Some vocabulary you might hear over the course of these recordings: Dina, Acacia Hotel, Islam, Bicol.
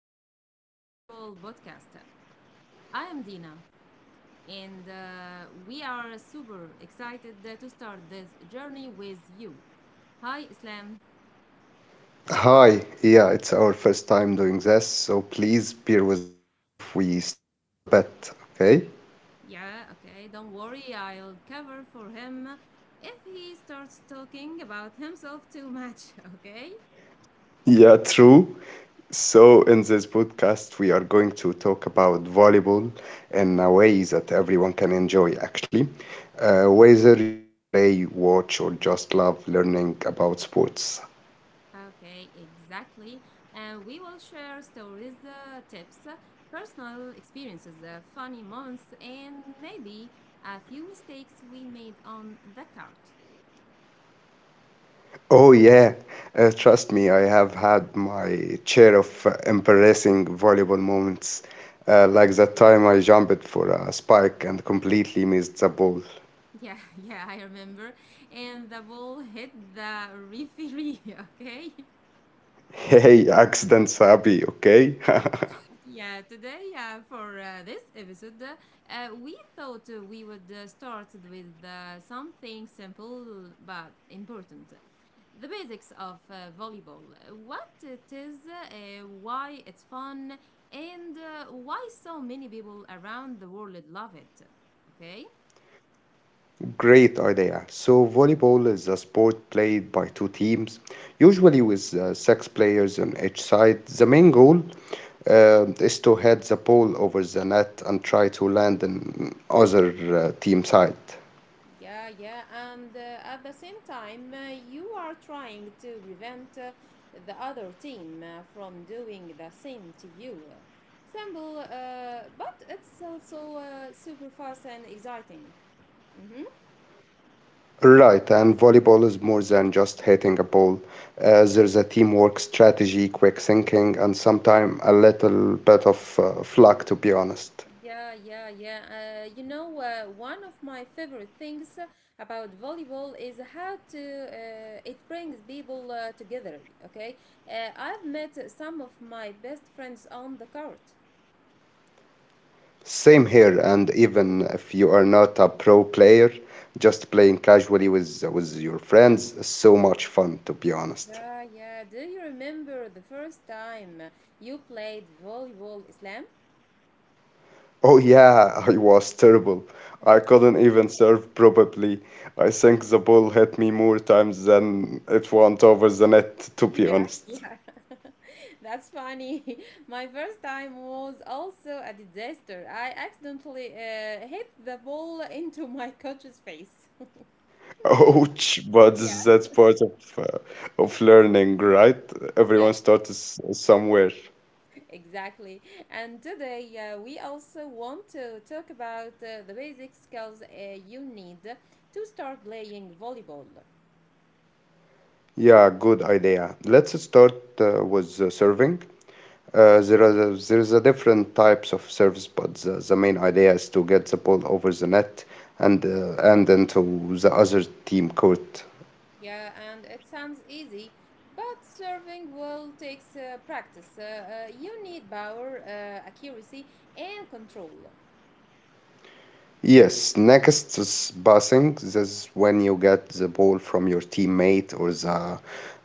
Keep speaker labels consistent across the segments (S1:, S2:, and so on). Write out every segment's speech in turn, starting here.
S1: our volleyball podcast. I am Dina, and we are super excited to start this journey with you. Hi Islam.
S2: Hi, yeah, it's our first time doing this, so please bear with us if we stumble a bit, okay?
S1: Yeah, okay, don't worry, I'll cover for him if he starts talking about himself too much, okay?
S2: Yeah, true. So, in this podcast, we are going to talk about volleyball in a way that everyone can enjoy, actually. Whether you play, watch, or just love learning about sports.
S1: Okay, exactly. And we will share stories, tips, personal experiences, funny moments, and maybe a few mistakes we made on the cart.
S2: Oh, yeah. Trust me, I have had my share of embarrassing volleyball moments, like that time I jumped for a spike and completely missed the ball.
S1: Yeah, yeah, I remember. And the ball hit the referee, okay?
S2: Hey, accidents happy, okay?
S1: Yeah, today for this episode, we thought we would start with something simple but important. The basics of volleyball, what it is, why it's fun, and why so many people around the world love it. Okay?
S2: Great idea. So, volleyball is a sport played by two teams, usually with six players on each side. The main goal is to head the ball over the net and try to land on other team side.
S1: Yeah, and at the same time, you are trying to prevent the other team from doing the same to you. Simple, but it's also super fast and exciting.
S2: Right, and volleyball is more than just hitting a ball. There's a teamwork, strategy, quick thinking, and sometimes a little bit of luck, to be honest.
S1: Yeah. One of my favorite things about volleyball is how to it brings people together. Okay, I've met some of my best friends on the court.
S2: Same here, and even if you are not a pro player, just playing casually with your friends is so much fun, to be honest.
S1: Yeah, yeah. Do you remember the first time you played volleyball, Islam?
S2: Oh, yeah, I was terrible. I couldn't even serve probably. I think the ball hit me more times than it went over the net, to be
S1: Yeah,
S2: honest.
S1: yeah. That's funny. My first time was also a disaster. I accidentally hit the ball into my coach's face.
S2: Ouch, but
S1: Yeah,
S2: that's part of learning, right? Everyone
S1: yes,
S2: starts somewhere.
S1: exactly. And today we also want to talk about the basic skills you need to start playing volleyball.
S2: Yeah, good idea. Let's start with serving. There are the- there is a different types of service, but the main idea is to get the ball over the net and into the other team court.
S1: Yeah, and it sounds easy, but serving well takes practice. You need power, accuracy, and control.
S2: Yes, next is passing. This is when you get the ball from your teammate or the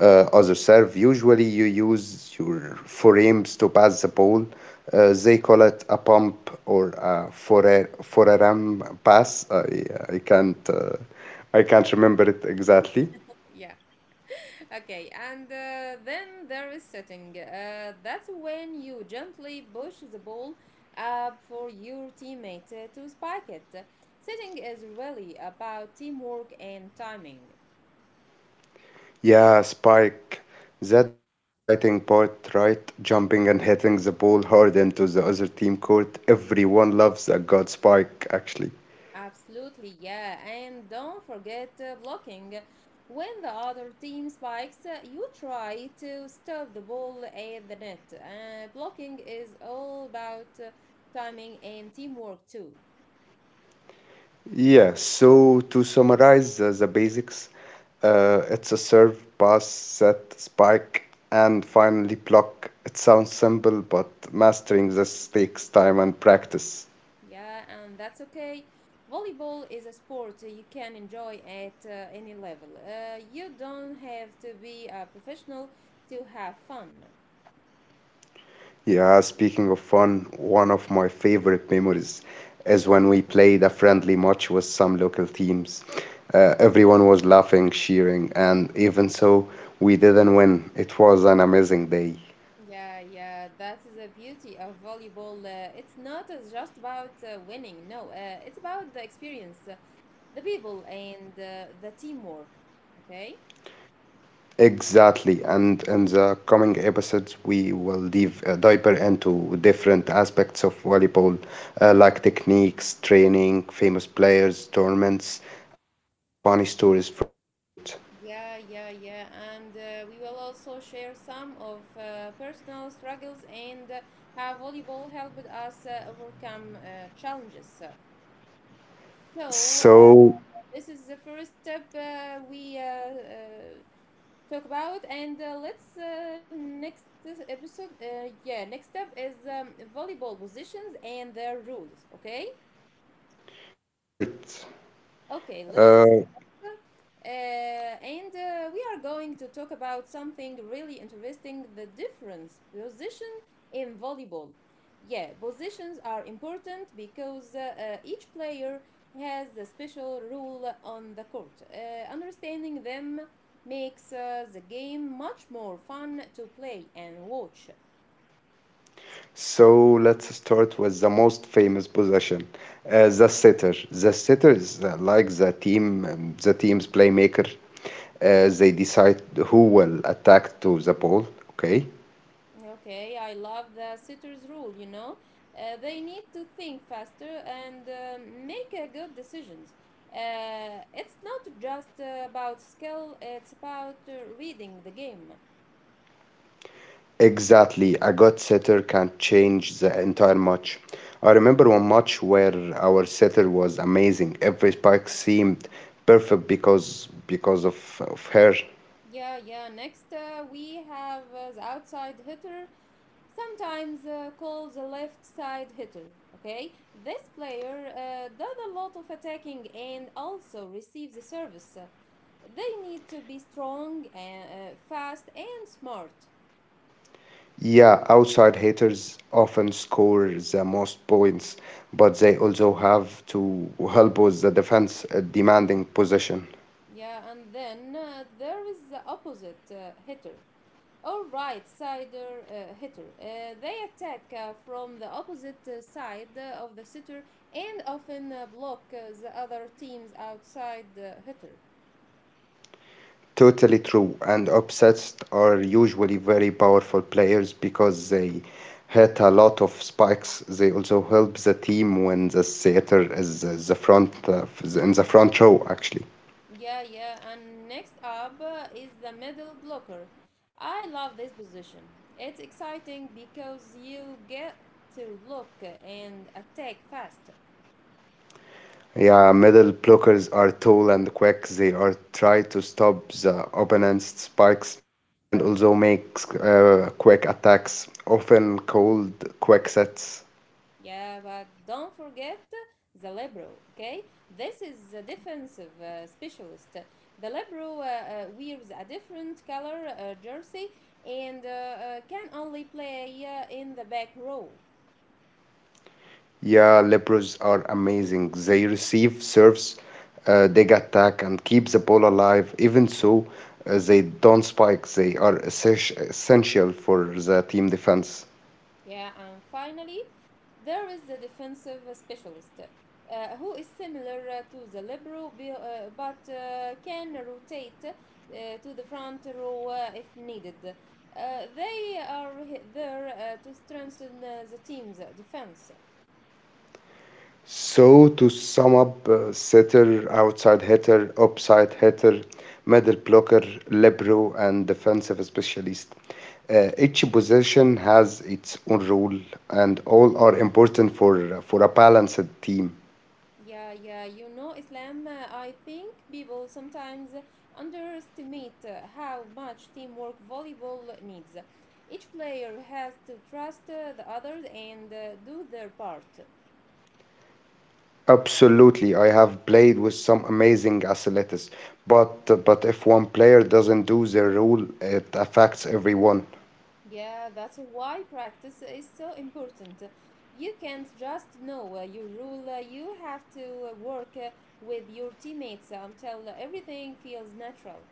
S2: other serve. Usually, you use your forearms to pass the ball. They call it a pump or a forearm pass. I can't uh, I can't remember it exactly.
S1: Yeah, okay, and then there is setting. That's when you gently push the ball up for your teammate to spike it. Setting is really about teamwork and timing.
S2: Yeah, spike. That's the exciting part, right? Jumping and hitting the ball hard into the other team court. Everyone loves a god spike, actually.
S1: Absolutely, yeah. And don't forget blocking. When the other team spikes, you try to stop the ball at the net. Blocking is all about timing and teamwork too.
S2: Yeah, so to summarize the basics, it's a serve, pass, set, spike, and finally block. It sounds simple, but mastering this takes time and practice.
S1: Yeah, and that's okay. Volleyball is a sport you can enjoy at any level. You don't have to be a professional to have fun.
S2: Yeah, speaking of fun, one of my favorite memories is when we played a friendly match with some local teams. Everyone was laughing, cheering, and even so, we didn't win. It was an amazing day.
S1: Yeah, that is the beauty of volleyball. It's not as just about winning, no, it's about the experience, the people, and the teamwork. Okay?
S2: Exactly, and in the coming episodes, we will dive deeper into different aspects of volleyball, like techniques, training, famous players, tournaments, and even funny stories from the court.
S1: Yeah. And we will also share some of personal struggles and how volleyball helped us overcome challenges. So,
S2: So
S1: this is the first step. We talk about and let's next episode yeah, next up is volleyball positions and their rules, okay.
S2: great.
S1: Okay, let's
S2: Uh,
S1: start. And we are going to talk about something really interesting, the difference position in volleyball. Yeah, positions are important because each player has a special role on the court. Understanding them makes the game much more fun to play and watch.
S2: so let's start with the most famous possession, the setter. The setter is like the team, the team's playmaker. They decide who will attack to the ball. Okay.
S1: Okay, I love the sitter's rule, you know. They need to think faster and make good decisions. It's not just about skill, it's about reading the game.
S2: Exactly. A good setter can change the entire match. I remember one match where our setter was amazing. Every spike seemed perfect because of her.
S1: Yeah, yeah. Next, we have the outside hitter, sometimes called the left side hitter. Okay, this player does a lot of attacking and also receives the service. They need to be strong and fast and smart.
S2: Yeah, outside hitters often score the most points, but they also have to help with the defense, a demanding position.
S1: Yeah, and then there is the opposite hitter or right sider hitter. They attack from the opposite side of the sitter and often block the other team's outside hitter.
S2: Totally true. And upsets are usually very powerful players because they hit a lot of spikes. They also help the team when the setter is the front in the front row actually.
S1: Yeah, and next up is the middle blocker. I love this position. It's exciting because you get to block and attack fast.
S2: Yeah, middle blockers are tall and quick. They are try to stop the opponent's spikes and also make quick attacks, often called quick sets.
S1: Yeah, but don't forget the libero, okay? This is the defensive specialist. The libero wears a different color jersey and can only play in the back row.
S2: Yeah, Libros are amazing. They receive serves, dig attack, and keep the ball alive. Even so, they don't spike. They are essential for the team defense.
S1: Yeah, and finally, there is the defensive specialist who is similar to the libero, but can rotate to the front row if needed. They are there to strengthen the team's defense.
S2: So, to sum up, setter, outside hitter, upside hitter, middle blocker, libero, and defensive specialist. Each position has its own role, and all are important for a balanced team.
S1: Yeah, you know, Islam, I think people sometimes underestimate how much teamwork volleyball needs. Each player has to trust the others and do their part.
S2: Absolutely, I have played with some amazing athletes, but if one player doesn't do the rule, it affects everyone.
S1: Yeah, that's why practice is so important. You can't just know your rule, you have to work with your teammates until everything feels natural.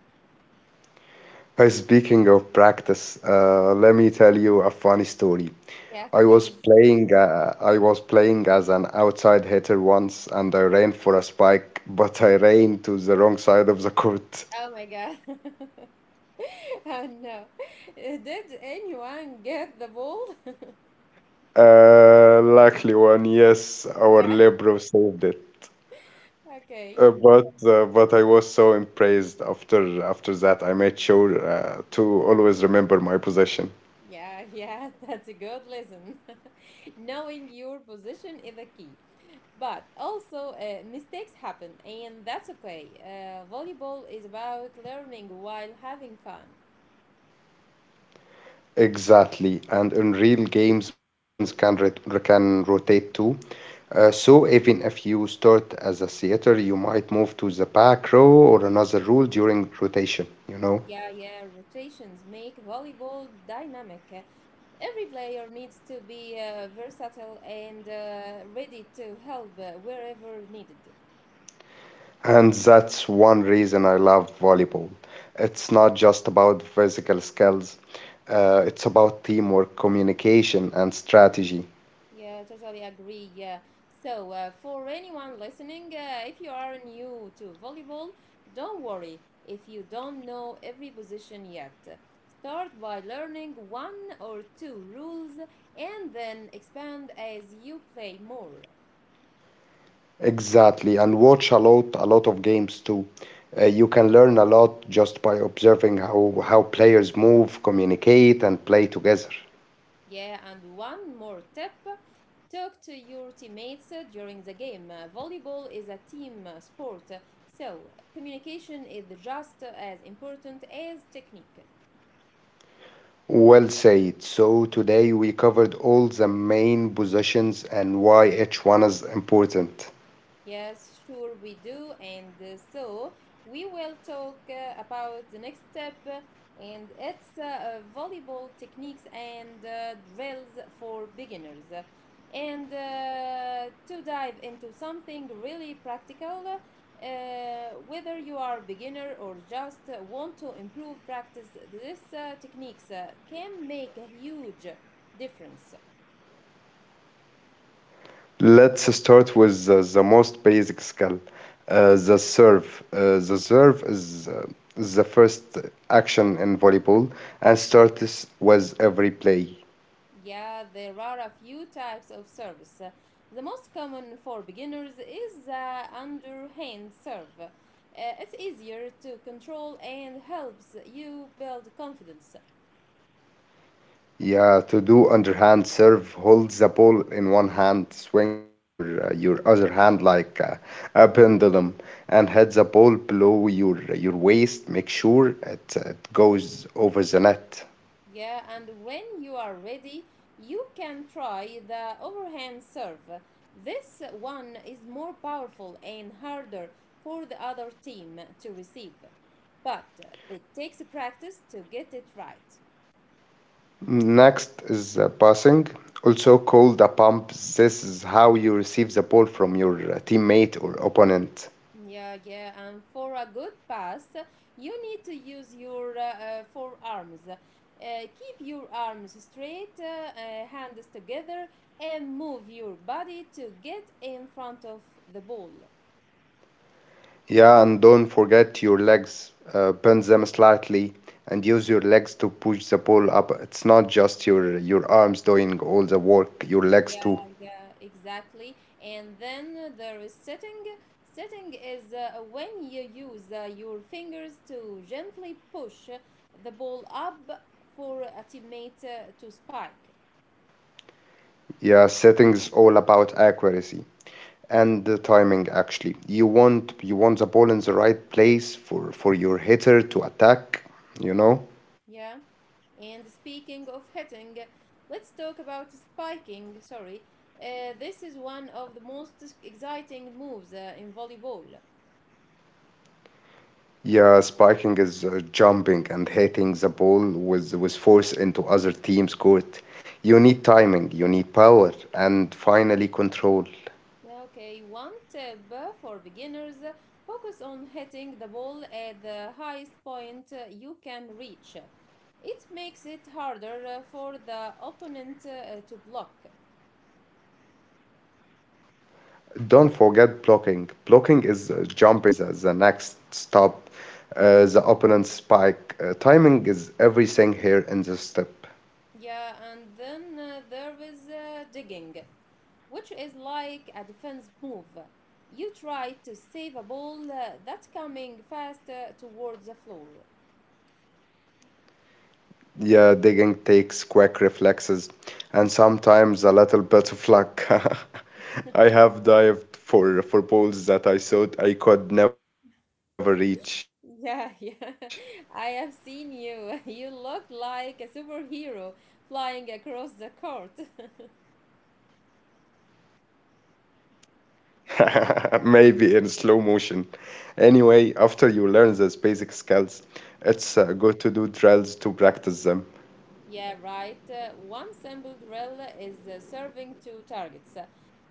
S2: Speaking of practice, let me tell you a funny story.
S1: Yeah,
S2: I was
S1: please.
S2: playing uh, I was playing as an outside hitter once, and I ran for a spike, but I ran to the wrong side of the court.
S1: Oh my God. No. Did anyone get the ball?
S2: Luckily one, yes, our
S1: Yeah.
S2: libero saved it.
S1: Okay.
S2: But I was so impressed after that. I made sure to always remember my possession.
S1: Yeah, yeah, that's a good lesson. Knowing your position is a key. But also, mistakes happen, and that's okay. Volleyball is about learning while having fun.
S2: Exactly, and in real games, positions can rotate too. So even if you start as a setter, you might move to the back row or another role during rotation. You know,
S1: Yeah, yeah, rotations make volleyball dynamic. Every player needs to be versatile and ready to help wherever needed.
S2: and that's one reason I love volleyball. It's not just about physical skills; it's about teamwork, communication, and strategy.
S1: Yeah, totally agree. Yeah. So, for anyone listening, if you are new to volleyball, don't worry if you don't know every position yet. Start by learning one or two rules and then expand as you play more.
S2: Exactly, and watch a lot of games too. You can learn a lot just by observing how players move, communicate, and play together.
S1: Yeah, and one more tip, talk to your teammates during the game. Volleyball is a team sport, so communication is just as important as technique.
S2: Well said. So today we covered all the main positions and why each one is important.
S1: Yes, sure we do. And so we will talk about the next step, and it's volleyball techniques and drills for beginners. And to dive into something really practical, whether you are a beginner or just want to improve practice, these techniques can make a huge difference.
S2: Let's start with the most basic skill, the serve. The serve is the first action in volleyball and starts with every play.
S1: Yeah, there are a few types of service. The most common for beginners is the underhand serve. It's easier to control and helps you build confidence.
S2: Yeah, to do underhand serve, hold the ball in one hand, swing your other hand like a pendulum, and hit the ball below your waist. Make sure it goes over the net.
S1: Yeah, and when you are ready, you can try the overhand serve. This one is more powerful and harder for the other team to receive, but it takes practice to get it right.
S2: Next is passing, also called a pump. This is how you receive the ball from your teammate or opponent.
S1: Yeah, and for a good pass, you need to use your forearms. Keep your arms straight, hands together, and move your body to get in front of the ball.
S2: Yeah, and don't forget your legs. Bend them slightly and use your legs to push the ball up. It's not just your arms doing all the work, your legs
S1: Yeah,
S2: too.
S1: yeah, exactly. And then there is setting. Setting is when you use your fingers to gently push the ball up for a teammate to spike.
S2: Yeah, setting's all about accuracy and the timing actually. You want the ball in the right place for your hitter to attack, you know?
S1: Yeah. And speaking of hitting, let's talk about spiking. Sorry. This is one of the most exciting moves in volleyball.
S2: Yeah, spiking is jumping and hitting the ball with force into other team's court. You need timing, you need power, and finally control.
S1: Okay, one tip for beginners, focus on hitting the ball at the highest point you can reach. It makes it harder for the opponent to block.
S2: Don't forget blocking. Blocking is jumping near the next stop, the opponent's spike. Timing is everything here in this step.
S1: Yeah, and then there is digging, which is like a defense move. You try to save a ball that's coming fast towards the floor.
S2: Yeah, digging takes quick reflexes and sometimes a little bit of luck. I have dived for balls that I thought I could never reach.
S1: Yeah, yeah, I have seen you. You look like a superhero flying across the court.
S2: Maybe in slow motion. Anyway, after you learn these basic skills, it's good to do drills to practice them.
S1: Yeah, right. One simple drill is serving two targets.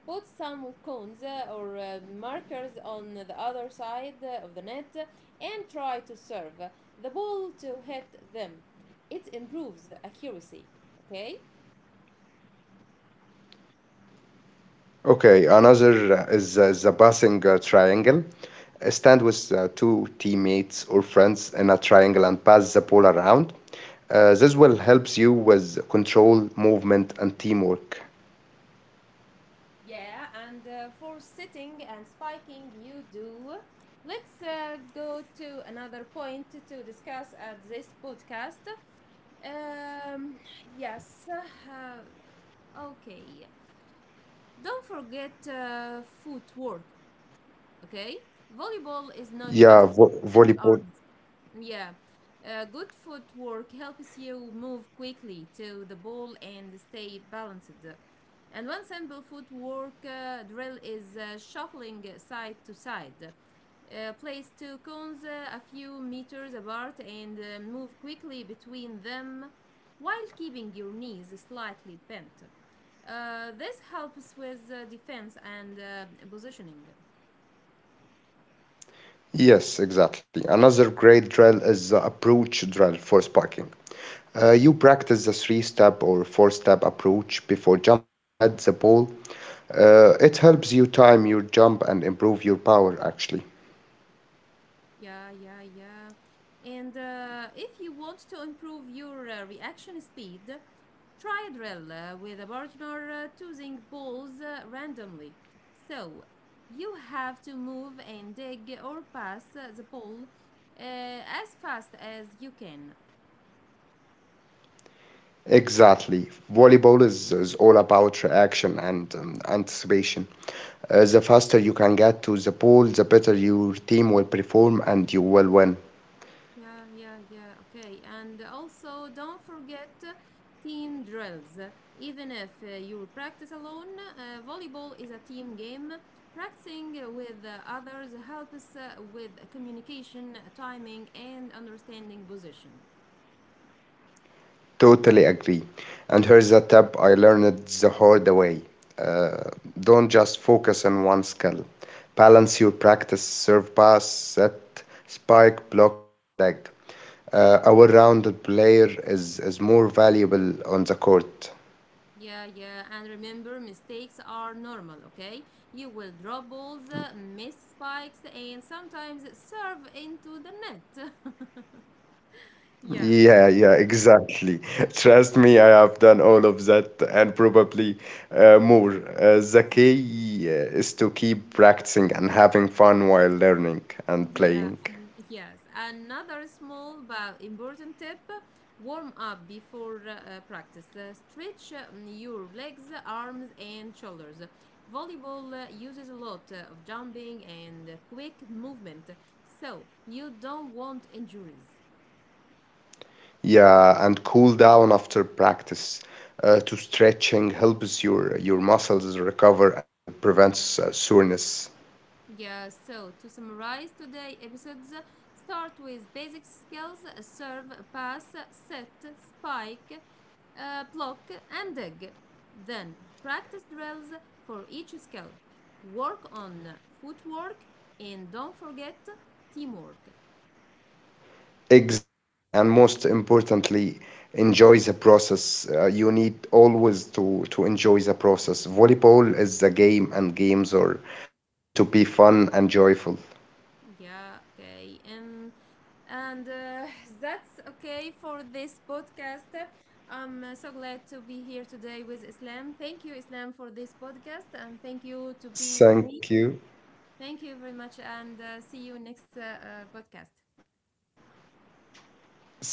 S1: Put some cones or markers on the other side of the net and try to serve the ball to hit them. It improves accuracy. Okay?
S2: Okay, another is the passing triangle. Stand with two teammates or friends in a triangle and pass the ball around. This will helps you with control, movement, and teamwork.
S1: Yeah, and for sitting and spiking, you do. Let's go to another point to discuss at this podcast. Um, yes. Okay. Don't forget footwork, okay? Volleyball is not just
S2: Yeah, vo
S1: hands and
S2: volleyball.
S1: arms. Yeah. Good footwork helps you move quickly to the ball and stay balanced. And one simple footwork drill is shuffling side to side. Place two cones a few meters apart and move quickly between them while keeping your knees slightly bent. This helps with defense and positioning.
S2: Yes, exactly. Another great drill is the approach drill for sparking. You practice the three-step or four-step approach before jumping to head the ball. It helps you time your jump and improve your power, actually.
S1: Yeah. And if you want to improve your reaction speed, try a drill with a partner choosing balls randomly. So you have to move and dig or pass the ball as fast as you can.
S2: Exactly. Volleyball is all about reaction and anticipation. The faster you can get to the ball, the better your team will perform and you will win.
S1: Yeah. Okay. And also, don't forget team drills. Even if you practice alone, volleyball is a team game. Practicing with others helps with communication, timing, and understanding position.
S2: Totally agree. And here's a tip I learned the hard way. Uh, don't just focus on one skill. Balance your practice, serve pass, set, spike, block, and dig. A well-rounded player is more valuable on the court.
S1: Yeah, yeah. And remember, mistakes are normal, okay? You will drop balls, miss spikes, and sometimes serve into the net. Yeah.
S2: Yeah, yeah, exactly. Trust me, I have done all of that and probably more. The key is to keep practicing and having fun while learning and
S1: Yeah,
S2: playing.
S1: yes. Another small but important tip, warm up before practice. Stretch your legs, arms, and shoulders. Volleyball uses a lot of jumping and quick movement, so you don't want injuries.
S2: Yeah, and cool down after practice. To stretching helps your muscles recover and prevents soreness.
S1: Yeah, so to summarize today episodes, start with basic skills serve, pass, set, spike, block, and dig. Then practice drills for each skill. Work on footwork and don't forget teamwork.
S2: Exactly, and most importantly, enjoy the process. You need always to enjoy the process. Volleyball is a game, and games are meant to be fun and joyful.
S1: Yeah, okay. And that's okay for this podcast. I'm so glad to be here today with Islam. Thank you, Islam, for this podcast, and thank you to be with
S2: Thank
S1: me.
S2: you,
S1: Thank you very much, and see you next podcast.
S2: thank you. See you.